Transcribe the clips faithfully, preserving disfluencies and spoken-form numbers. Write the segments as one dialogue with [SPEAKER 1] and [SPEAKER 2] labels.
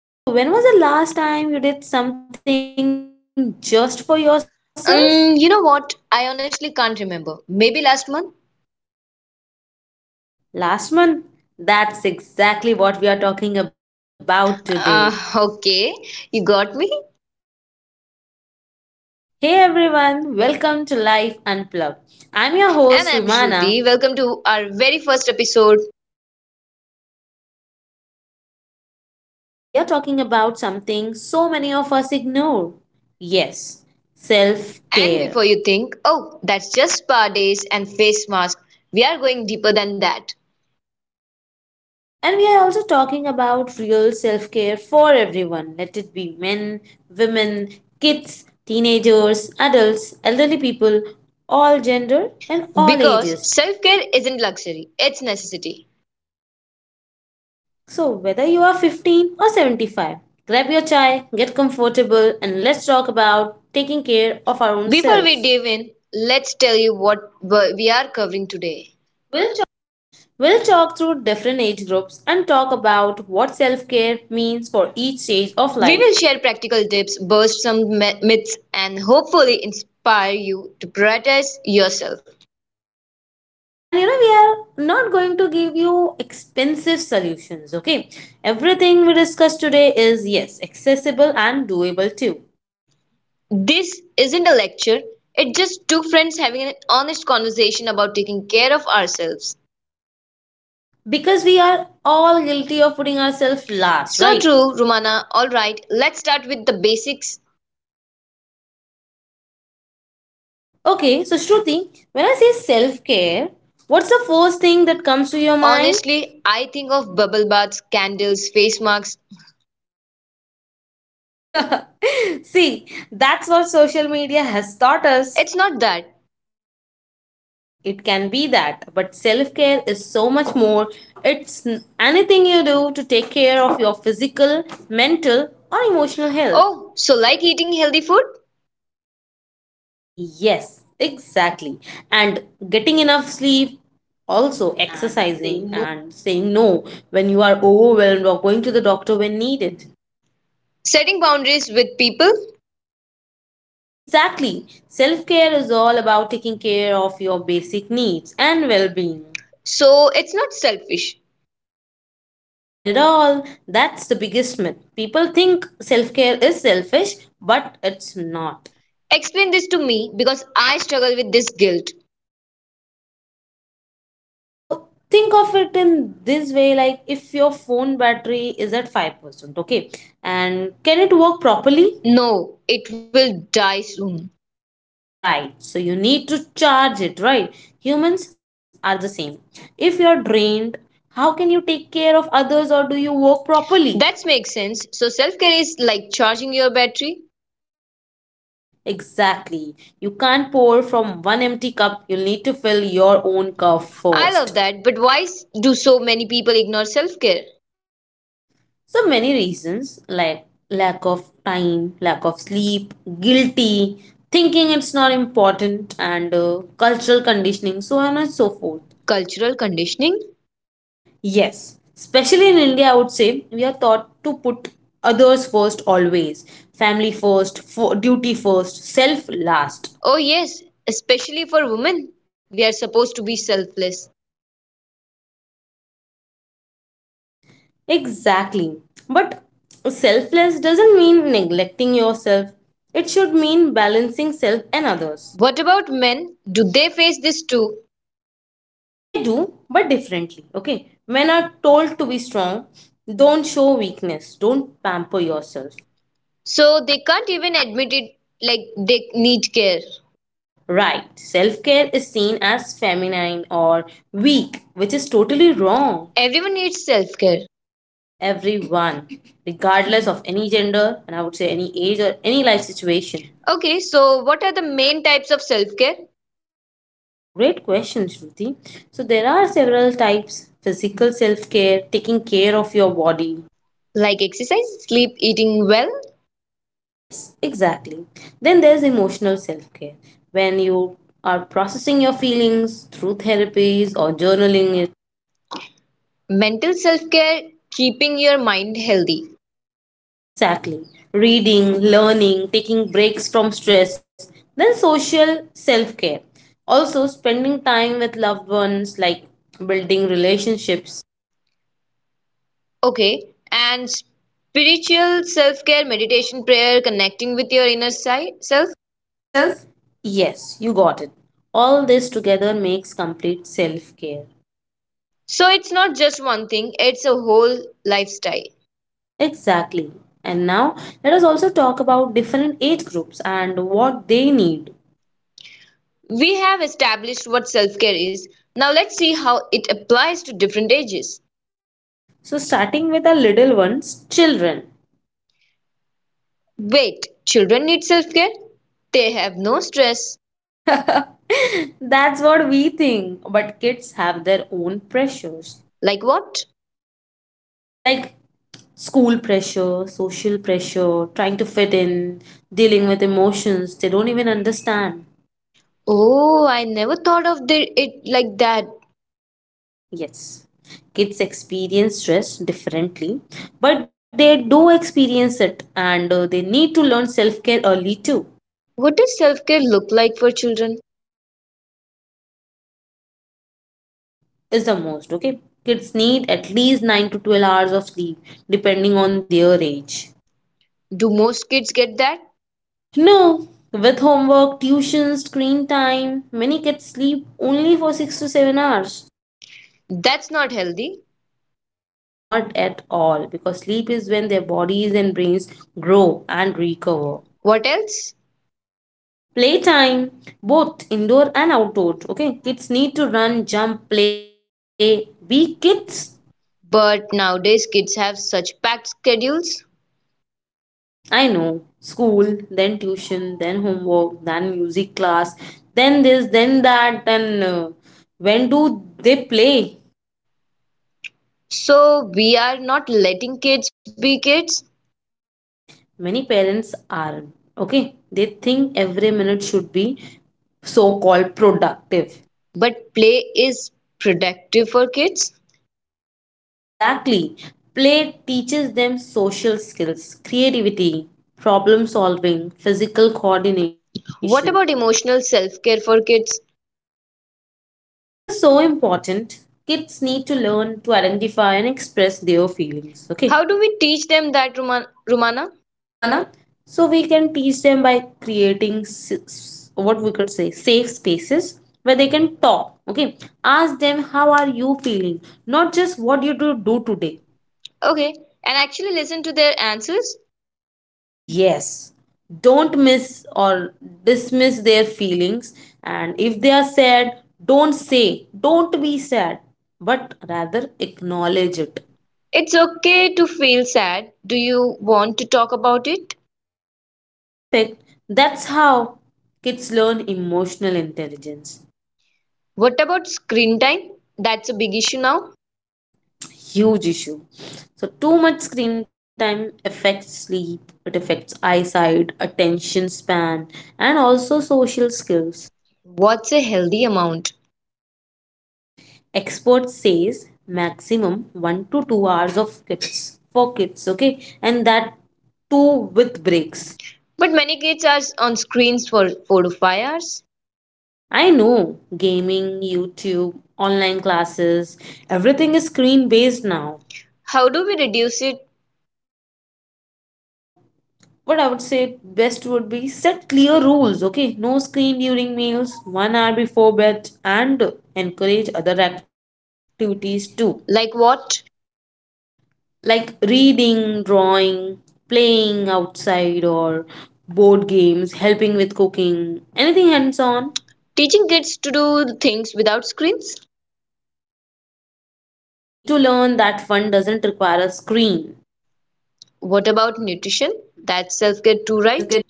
[SPEAKER 1] quick question. So, when was the last time you did something just for yourself?
[SPEAKER 2] Um, you know what? I honestly can't remember. Maybe last month?
[SPEAKER 1] Last month? That's exactly what we are talking about today.
[SPEAKER 2] Uh, okay, you got me.
[SPEAKER 1] Hey everyone, welcome to Life Unplugged. I'm your
[SPEAKER 2] And
[SPEAKER 1] host,
[SPEAKER 2] I'm
[SPEAKER 1] Rumana.
[SPEAKER 2] Shruti. Welcome to our very first episode.
[SPEAKER 1] So, today we are talking about something so many of us ignore. Yes, self
[SPEAKER 2] And
[SPEAKER 1] care.
[SPEAKER 2] before you think, oh, that's just spa days and face mask, we are going deeper than that.
[SPEAKER 1] And we are also talking about real self care for everyone. Let it be men, women, kids, teenagers, adults, elderly people, all gender and all
[SPEAKER 2] Because
[SPEAKER 1] ages.
[SPEAKER 2] self care isn't luxury, it's necessity.
[SPEAKER 1] So, whether you are fifteen or seventy-five, grab your chai, get comfortable, and let's talk about taking care of our own
[SPEAKER 2] Before we
[SPEAKER 1] selves.
[SPEAKER 2] dive in, let's tell you what w- we are covering today. We'll
[SPEAKER 1] We'll talk through different age groups and talk about what self care means for each stage of
[SPEAKER 2] We
[SPEAKER 1] life.
[SPEAKER 2] will share practical tips, burst some my- myths, and hopefully inspire you to prioritize yourself.
[SPEAKER 1] And you know, we are not going to give you expensive solutions, okay? Everything we discuss today is, yes, accessible and doable too.
[SPEAKER 2] This isn't a lecture, it's just two friends having an honest conversation about taking care of ourselves.
[SPEAKER 1] Because we are all guilty of putting ourselves last,
[SPEAKER 2] So
[SPEAKER 1] right?
[SPEAKER 2] true, Romana. Alright, let's start with the basics.
[SPEAKER 1] Okay, so Shruti, when I say self care, what's the first thing that comes to your mind?
[SPEAKER 2] Honestly, I think of bubble baths, candles, face masks.
[SPEAKER 1] See, that's what social media has taught us.
[SPEAKER 2] It's not that.
[SPEAKER 1] It can be that, but self care is so much more. It's n- anything you do to take care of your physical, mental or emotional health.
[SPEAKER 2] Oh, so like eating healthy food?
[SPEAKER 1] Yes, exactly. And getting enough sleep, also
[SPEAKER 2] And saying
[SPEAKER 1] exercising
[SPEAKER 2] no.
[SPEAKER 1] and saying no when you are overwhelmed, or going to the doctor when needed.
[SPEAKER 2] Setting boundaries with people?
[SPEAKER 1] Exactly, self care is all about taking care of your basic needs and well being.
[SPEAKER 2] So it's not selfish.
[SPEAKER 1] Not at all. That's the biggest myth. People think self care is selfish, but it's not.
[SPEAKER 2] Explain this to me because I struggle with this guilt.
[SPEAKER 1] Okay, so think of it in this way, like if your phone battery is at five percent, okay, and can it work properly?
[SPEAKER 2] No, it will die soon.
[SPEAKER 1] Right, so you need to charge it, right? Humans are the same. If you're drained, how can you take care of others or do you work properly?
[SPEAKER 2] That makes sense. So self-care is like charging your battery.
[SPEAKER 1] Exactly. You can't pour from one empty cup. You'll need to fill your own cup
[SPEAKER 2] I
[SPEAKER 1] first.
[SPEAKER 2] love that, but why s- do so many people ignore self-care?
[SPEAKER 1] So many reasons, like lack of time, lack of sleep, guilty, thinking it's not important, and uh, cultural conditioning, so on and so forth.
[SPEAKER 2] Cultural conditioning?
[SPEAKER 1] Yes, especially in India, I would say we are taught to put others first always, family first, fo- duty first, self last.
[SPEAKER 2] Oh yes, especially for women, we are supposed to be selfless.
[SPEAKER 1] Exactly. But selfless doesn't mean neglecting yourself. It should mean balancing self and others.
[SPEAKER 2] What about men? Do they face this too?
[SPEAKER 1] They do, but differently. Okay. Men are told to be strong. Don't show weakness. Don't pamper yourself.
[SPEAKER 2] So they can't even admit it like they need care.
[SPEAKER 1] Right. Self care is seen as feminine or weak, which is totally wrong.
[SPEAKER 2] Everyone needs self-care.
[SPEAKER 1] Everyone, regardless of any gender, and I would say any age or any life situation.
[SPEAKER 2] Okay, so what are the main types of self-care?
[SPEAKER 1] Great question, Shruti. So there are several types: physical self care, taking care of your body.
[SPEAKER 2] Like exercise, sleep, eating well,
[SPEAKER 1] Yes, exactly. Then there's emotional self care, when you are processing your feelings through therapies or journaling it.
[SPEAKER 2] mental self-care, keeping your mind healthy.
[SPEAKER 1] Exactly. Reading, learning, taking breaks from stress. Then social self care. Also, spending time with loved ones, like building relationships.
[SPEAKER 2] Okay. And spiritual self care, meditation, prayer, connecting with your inner si- self.
[SPEAKER 1] Self. Yes, you got it. All this together makes complete self care.
[SPEAKER 2] So it's not just one thing, it's a whole lifestyle.
[SPEAKER 1] Exactly. And now let us also talk about different age groups and what they need.
[SPEAKER 2] We have established what self care is. Now let's see how it applies to different ages.
[SPEAKER 1] So, starting with the little ones, children.
[SPEAKER 2] Wait, children need self care? They have no stress.
[SPEAKER 1] That's what we think. But kids have their own pressures.
[SPEAKER 2] Like what?
[SPEAKER 1] Like school pressure, social pressure, trying to fit in, dealing with emotions they don't even understand.
[SPEAKER 2] Oh, I never thought of the, it like that.
[SPEAKER 1] Yes, kids experience stress differently, but they do experience it, and uh, they need to learn self care early too.
[SPEAKER 2] What does self care look like for children?
[SPEAKER 1] Firstly, I would say adequate sleep is the most, okay? Kids need at least nine to twelve hours of sleep depending on their age.
[SPEAKER 2] Do most kids get that?
[SPEAKER 1] No, with homework, tuition, screen time, many kids sleep only for six to seven hours.
[SPEAKER 2] That's not healthy.
[SPEAKER 1] Not at all, because sleep is when their bodies and brains grow and recover.
[SPEAKER 2] What else?
[SPEAKER 1] Playtime, both indoor and outdoor. Okay, kids need to run, jump, play. Be kids.
[SPEAKER 2] But nowadays, kids have such packed schedules.
[SPEAKER 1] I know. School, then tuition, then homework, then music class, then this, then that, then uh, when do they play?
[SPEAKER 2] So we are not letting kids be kids,
[SPEAKER 1] Many parents aren't. Okay, they think every minute should be so called productive.
[SPEAKER 2] but play is productive for kids.
[SPEAKER 1] Exactly. Play teaches them social skills, creativity, problem solving, physical coordination.
[SPEAKER 2] What about emotional self care for kids?
[SPEAKER 1] This is so important. Kids need to learn to identify and express their feelings. Okay,
[SPEAKER 2] How do we teach them that, Ruma- Rumana?
[SPEAKER 1] Rumana. So we can teach them by creating s- what we could say safe spaces where they can talk. Okay, ask them how are you feeling, not just what you do do today.
[SPEAKER 2] Okay, and actually listen to their answers.
[SPEAKER 1] Yes, don't miss or dismiss their feelings, and if they are sad, don't say don't be sad, but rather acknowledge it.
[SPEAKER 2] It's okay to feel sad. Do you want to talk about it?
[SPEAKER 1] Perfect. That's how kids learn emotional intelligence.
[SPEAKER 2] What about screen time? That's a big issue now.
[SPEAKER 1] Huge issue. So, too much screen time affects sleep, it affects eyesight, attention span, and also social skills.
[SPEAKER 2] What's a healthy amount?
[SPEAKER 1] Expert says maximum one to two hours of kids for kids, okay? And that too with breaks.
[SPEAKER 2] But many kids are on screens for four to five hours.
[SPEAKER 1] I know: gaming, YouTube, online classes, everything is screen based now.
[SPEAKER 2] How do we reduce it?
[SPEAKER 1] So, what I would say best would be set clear rules, okay? No screen during meals, one hour before bed, and encourage other activities too,
[SPEAKER 2] Like what?
[SPEAKER 1] like reading, drawing, playing outside, or board games, helping with cooking, anything hands on.
[SPEAKER 2] Teaching kids to do things without screens?
[SPEAKER 1] Exactly. They need to learn that fun doesn't require a screen.
[SPEAKER 2] What about nutrition? That's self care too,
[SPEAKER 1] That's
[SPEAKER 2] right?
[SPEAKER 1] self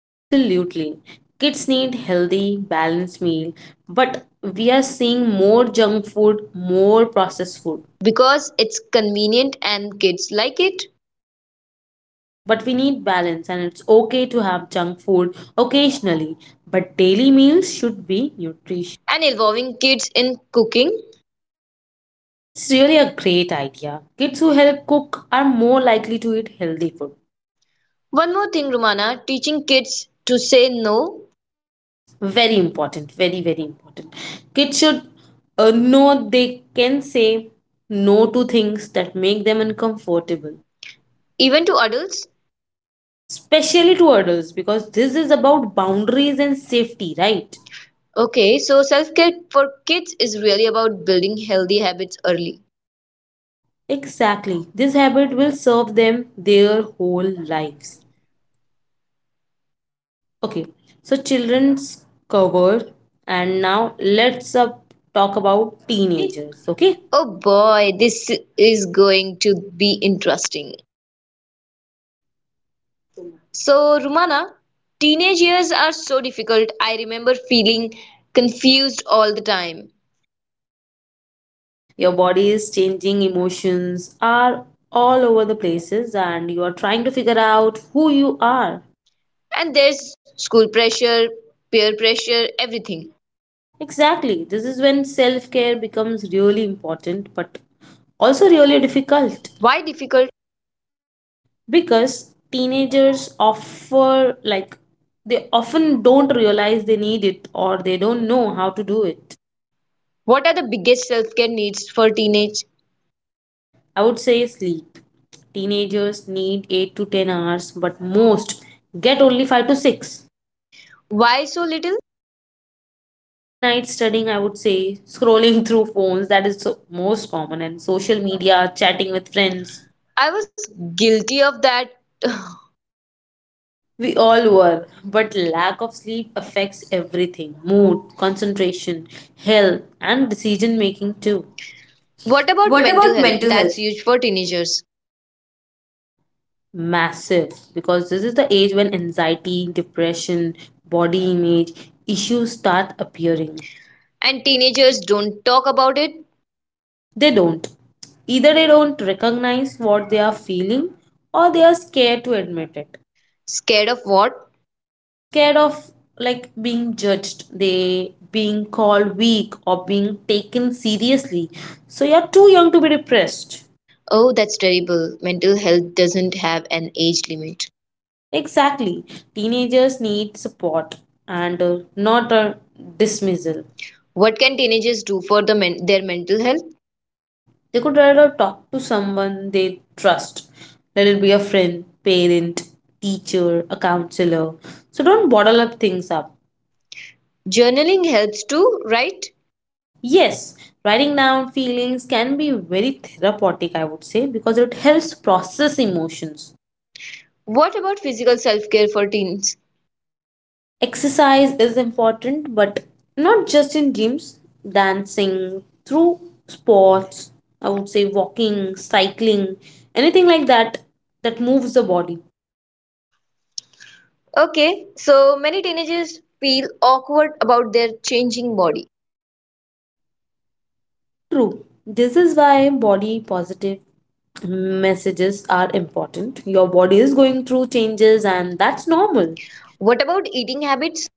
[SPEAKER 1] Absolutely. Kids need healthy, balanced meal, but we are seeing more junk food, more processed food.
[SPEAKER 2] Because it's convenient and kids like it.
[SPEAKER 1] True, but we need balance and it's okay to have junk food occasionally, but daily meals should be nutritious.
[SPEAKER 2] And involving kids in cooking.
[SPEAKER 1] It's really a great idea. Kids who help cook are more likely to eat healthy food.
[SPEAKER 2] One more thing, Romana, teaching kids to say no,
[SPEAKER 1] Very important, very, very important. Kids should uh, know they can say no to things that make them uncomfortable.
[SPEAKER 2] even to adults.
[SPEAKER 1] Especially to adults, because this is about boundaries and safety, right?
[SPEAKER 2] Okay, so self care for kids is really about building healthy habits early.
[SPEAKER 1] Exactly, this habit will serve them their whole lives. Okay, so children's covered, and now let's up talk about
[SPEAKER 2] Okay.
[SPEAKER 1] teenagers. Okay,
[SPEAKER 2] Oh boy, this is going to be interesting. So, Rumana, teenage years are so difficult. I remember feeling confused all the time.
[SPEAKER 1] same. Your body is changing, emotions are all over the places, and you are trying to figure out who you are.
[SPEAKER 2] And there's school pressure, peer pressure, everything.
[SPEAKER 1] Exactly. This is when self care becomes really important, but also really difficult.
[SPEAKER 2] Why difficult?
[SPEAKER 1] Because teenagers offer, like, they often don't realize they need it, or they don't know how to do it.
[SPEAKER 2] What are the biggest self care needs for teenage?
[SPEAKER 1] I would say sleep. Teenagers need eight to ten hours, but most get only five to six.
[SPEAKER 2] Why so little?
[SPEAKER 1] Late night studying, I would say, scrolling through phones, that is so most common, and social media, chatting with friends.
[SPEAKER 2] I was guilty of that.
[SPEAKER 1] We all were, but lack of sleep affects everything: mood, concentration, health, and decision making too.
[SPEAKER 2] What about
[SPEAKER 1] What
[SPEAKER 2] mental
[SPEAKER 1] about
[SPEAKER 2] health?
[SPEAKER 1] mental
[SPEAKER 2] That's
[SPEAKER 1] health?
[SPEAKER 2] huge for teenagers.
[SPEAKER 1] Massive, because this is the age when anxiety, depression, body image issues start appearing.
[SPEAKER 2] And teenagers don't talk about it.
[SPEAKER 1] They don't. Either they don't recognize what they are feeling, or they are scared to admit it.
[SPEAKER 2] Scared of what?
[SPEAKER 1] Scared of, like, being judged, they being called weak, or being taken seriously. So you're too young to be depressed.
[SPEAKER 2] Oh, that's terrible. Mental health doesn't have an age limit.
[SPEAKER 1] Exactly, teenagers need support, and uh, not a dismissal.
[SPEAKER 2] What can teenagers do for the men- their mental health?
[SPEAKER 1] They could rather talk to someone they trust. Let it be a friend, parent, teacher, a counselor. So don't bottle up things up.
[SPEAKER 2] Journaling helps too, right?
[SPEAKER 1] Yes, writing down feelings can be very therapeutic, I would say, because it helps process emotions.
[SPEAKER 2] What about physical self care for teens?
[SPEAKER 1] Exercise is important, but not just in gyms, dancing, through sports, I would say walking, cycling, anything like that that moves the body.
[SPEAKER 2] Okay, so many teenagers feel awkward about their changing body.
[SPEAKER 1] True, this is why body positive messages are important. Your body is going through changes, and that's normal.
[SPEAKER 2] What about eating habits?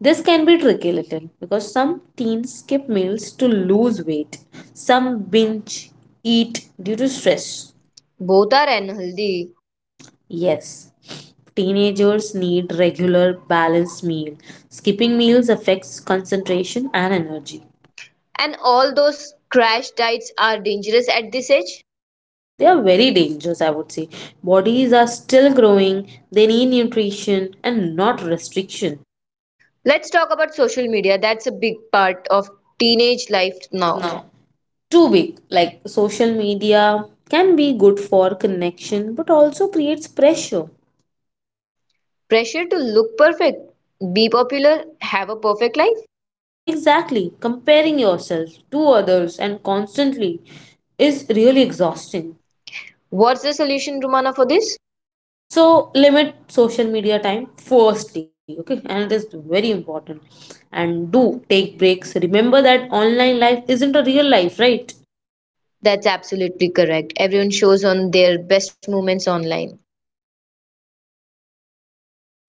[SPEAKER 1] This can be tricky little because some teens skip meals to lose weight. Some binge eat due to stress.
[SPEAKER 2] Both are unhealthy.
[SPEAKER 1] Yes. Teenagers need regular balanced meal. Skipping meals affects concentration and energy.
[SPEAKER 2] And all those crash diets are dangerous at this age.
[SPEAKER 1] They are very dangerous, I would say. Bodies are still growing, they need nutrition and not restriction.
[SPEAKER 2] Let's talk about social media. That's a big part of teenage life
[SPEAKER 1] If
[SPEAKER 2] now.
[SPEAKER 1] now too big, like social media can be good for connection but also creates pressure.
[SPEAKER 2] Pressure to look perfect, be popular, have a perfect life.
[SPEAKER 1] Exactly, comparing yourself to others and constantly is really exhausting.
[SPEAKER 2] What's the solution, Rumana, for this?
[SPEAKER 1] So, limit social media time firstly, okay, and it is very important. And do take breaks. Remember that online life isn't a real life, right?
[SPEAKER 2] That's absolutely correct. Everyone shows on their best moments online.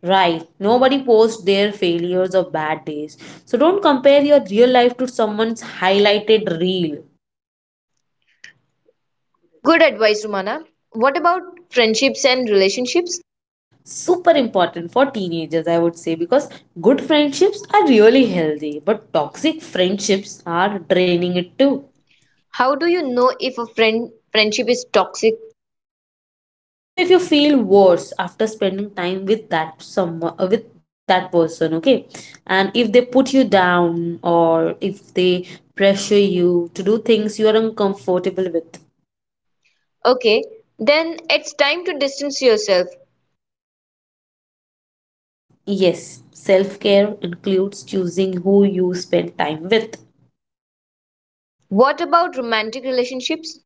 [SPEAKER 1] Right. Nobody posts their failures or bad days. So, don't compare your real life to someone's highlighted reel.
[SPEAKER 2] Good advice, Rumana. What about friendships and relationships?
[SPEAKER 1] Super important for teenagers, I would say, because good friendships are really healthy, but toxic friendships are draining it too.
[SPEAKER 2] How do you know if a friend friendship is toxic?
[SPEAKER 1] So if you feel worse after spending time with that some uh, with that person, okay, and if they put you down, or if they pressure you to do things you are uncomfortable with.
[SPEAKER 2] Okay, then it's time to distance yourself.
[SPEAKER 1] Yes, self care includes choosing who you spend time with.
[SPEAKER 2] What about romantic relationships?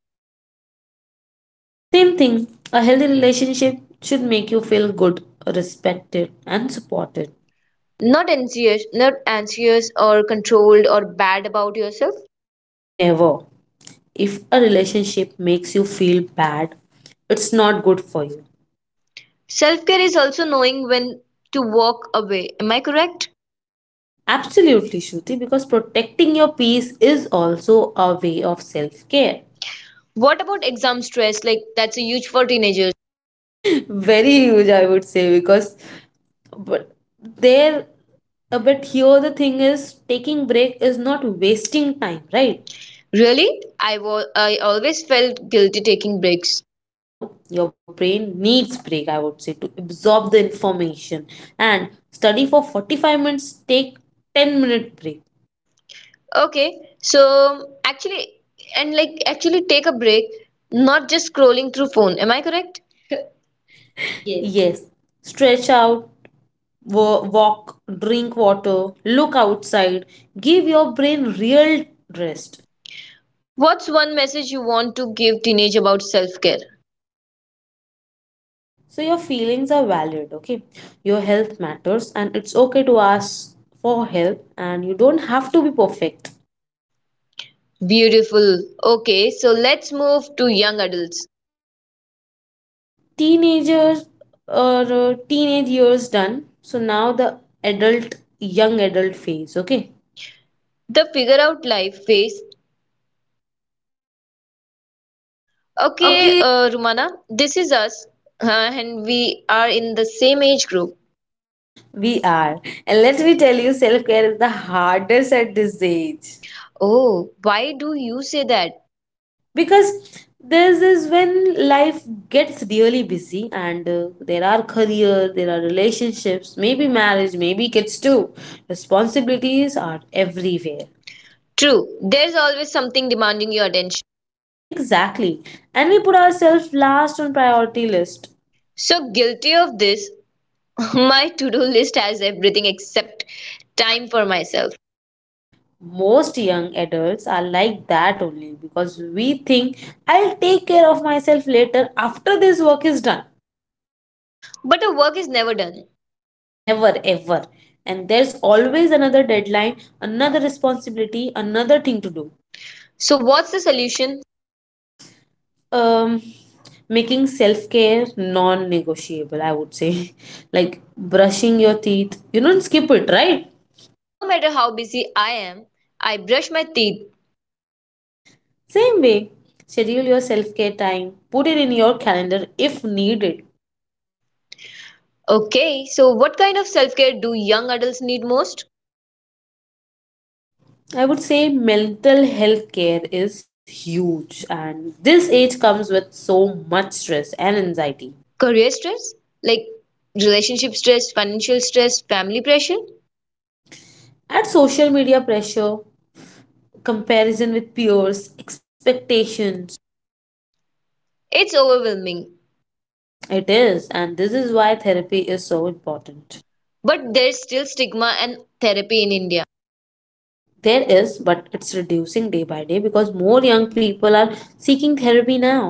[SPEAKER 1] Same thing, a healthy relationship should make you feel good, respected, and supported.
[SPEAKER 2] Not anxious, not anxious or controlled or bad about yourself.
[SPEAKER 1] Never. If a relationship makes you feel bad, it's not good for you.
[SPEAKER 2] Self-care is also knowing when to walk away. Am I correct?
[SPEAKER 1] Absolutely, Shruti, because protecting your peace is also a way of self care.
[SPEAKER 2] What about exam stress? Like that's a huge for teenagers.
[SPEAKER 1] Very huge, I would say, because but there uh, but here the thing is, taking break is not wasting time, right?
[SPEAKER 2] Really? I was I always felt guilty taking breaks.
[SPEAKER 1] No, your brain needs break, I would say, to absorb the information, and study for forty-five minutes, take ten minute break.
[SPEAKER 2] Okay, so actually, and like actually take a break, not just scrolling through phone. Am I correct? Yes.
[SPEAKER 1] Yes, stretch out, wa- walk, drink water, look outside, give your brain real rest.
[SPEAKER 2] What's one message you want to give teenage about self-care?
[SPEAKER 1] So your feelings are valid, okay? Your health matters, and it's okay to ask for help, and you don't have to be perfect.
[SPEAKER 2] Beautiful. Okay, so let's move to young adults.
[SPEAKER 1] Teenagers, or uh, teenage years done. So now the adult, young adult phase. Okay,
[SPEAKER 2] The figure out life phase. Okay,
[SPEAKER 1] okay,
[SPEAKER 2] uh, Rumana, this is us, uh, and we are in the same age group.
[SPEAKER 1] we are. And let me tell you, self-care is the hardest at this age.
[SPEAKER 2] Oh, why do you say that?
[SPEAKER 1] Because this is when life gets really busy, and uh, there are career, there are relationships, maybe marriage, maybe kids too. Responsibilities are everywhere.
[SPEAKER 2] True, there's always something demanding your attention.
[SPEAKER 1] Exactly, and we put ourselves last on priority list.
[SPEAKER 2] So guilty of this, my to do list has everything except time for myself.
[SPEAKER 1] Most young adults are like that only, because we think I'll take care of myself later after this work is done.
[SPEAKER 2] But the work is never done.
[SPEAKER 1] Never ever. And there's always another deadline, another responsibility, another thing to do.
[SPEAKER 2] So, what's the solution?
[SPEAKER 1] Um, Making self care non negotiable, I would say. Like brushing your teeth. You don't skip it, right?
[SPEAKER 2] No matter how busy I am, I brush my teeth.
[SPEAKER 1] Same way. Schedule your self care time, put it in your calendar if needed.
[SPEAKER 2] Okay, so what kind of self care do young adults need most?
[SPEAKER 1] I would say mental health care is huge, and this age comes with so much stress and anxiety.
[SPEAKER 2] Career stress? Like relationship stress, financial stress, family pressure?
[SPEAKER 1] Add social media pressure, comparison with peers, expectations.
[SPEAKER 2] It's overwhelming.
[SPEAKER 1] It is, and this is why therapy is so important.
[SPEAKER 2] But there's still stigma and therapy in India.
[SPEAKER 1] There is, but it's reducing day by day because more young people are seeking therapy now.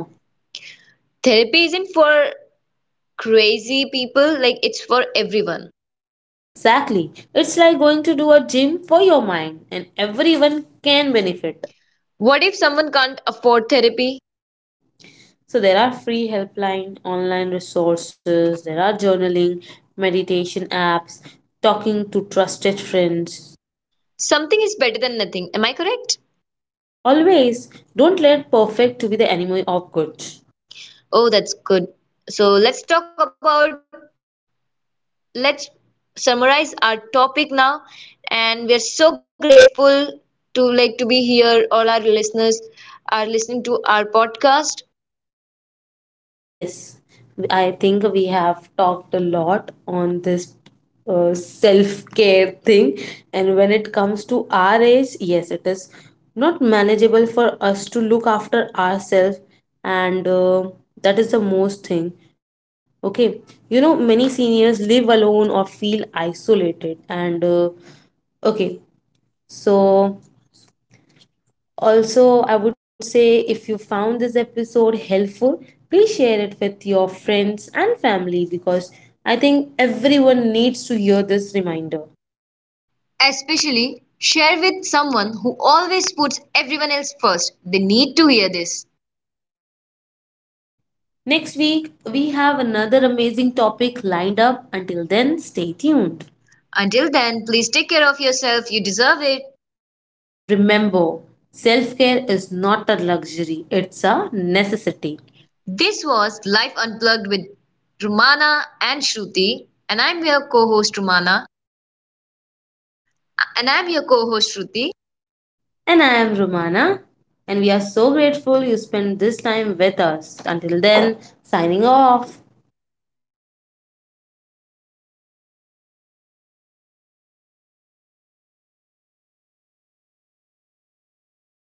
[SPEAKER 2] Therapy isn't for crazy people. Like, it's for everyone.
[SPEAKER 1] Exactly. It's like going to do a gym for your mind, and everyone can benefit.
[SPEAKER 2] What if someone can't afford therapy?
[SPEAKER 1] So there are free helpline, online resources, there are journaling, meditation apps, talking to trusted friends.
[SPEAKER 2] Something is better than nothing. Am I correct?
[SPEAKER 1] Always don't let perfect to be the enemy of good.
[SPEAKER 2] Oh, that's good. So, let's talk about, let's summarize our topic now. And we are so grateful to like to be here. All our listeners are listening to our podcast.
[SPEAKER 1] Yes, I think we have talked a lot on this uh, self-care thing, and when it comes to our age, yes, it is not manageable for us to look after ourselves, and uh, that is the most thing. Okay, you know, many seniors live alone or feel isolated, and uh, okay, so. Also, I would say if you found this episode helpful, please share it with your friends and family because I think everyone needs to hear this reminder.
[SPEAKER 2] Especially share with someone who always puts everyone else first. They need to hear this.
[SPEAKER 1] Next week, we have another amazing topic lined up. Until then, stay tuned.
[SPEAKER 2] Until then, please take care of yourself. You deserve it.
[SPEAKER 1] And remember, self care is not a luxury, it's a necessity.
[SPEAKER 2] This was "Life Unplugged" with Rumana and Shruti, and I'm your co-host Rumana. And I'm your co-host Shruti.
[SPEAKER 1] And I am Romana, and we are so grateful you spent this time with us. Until then, signing off.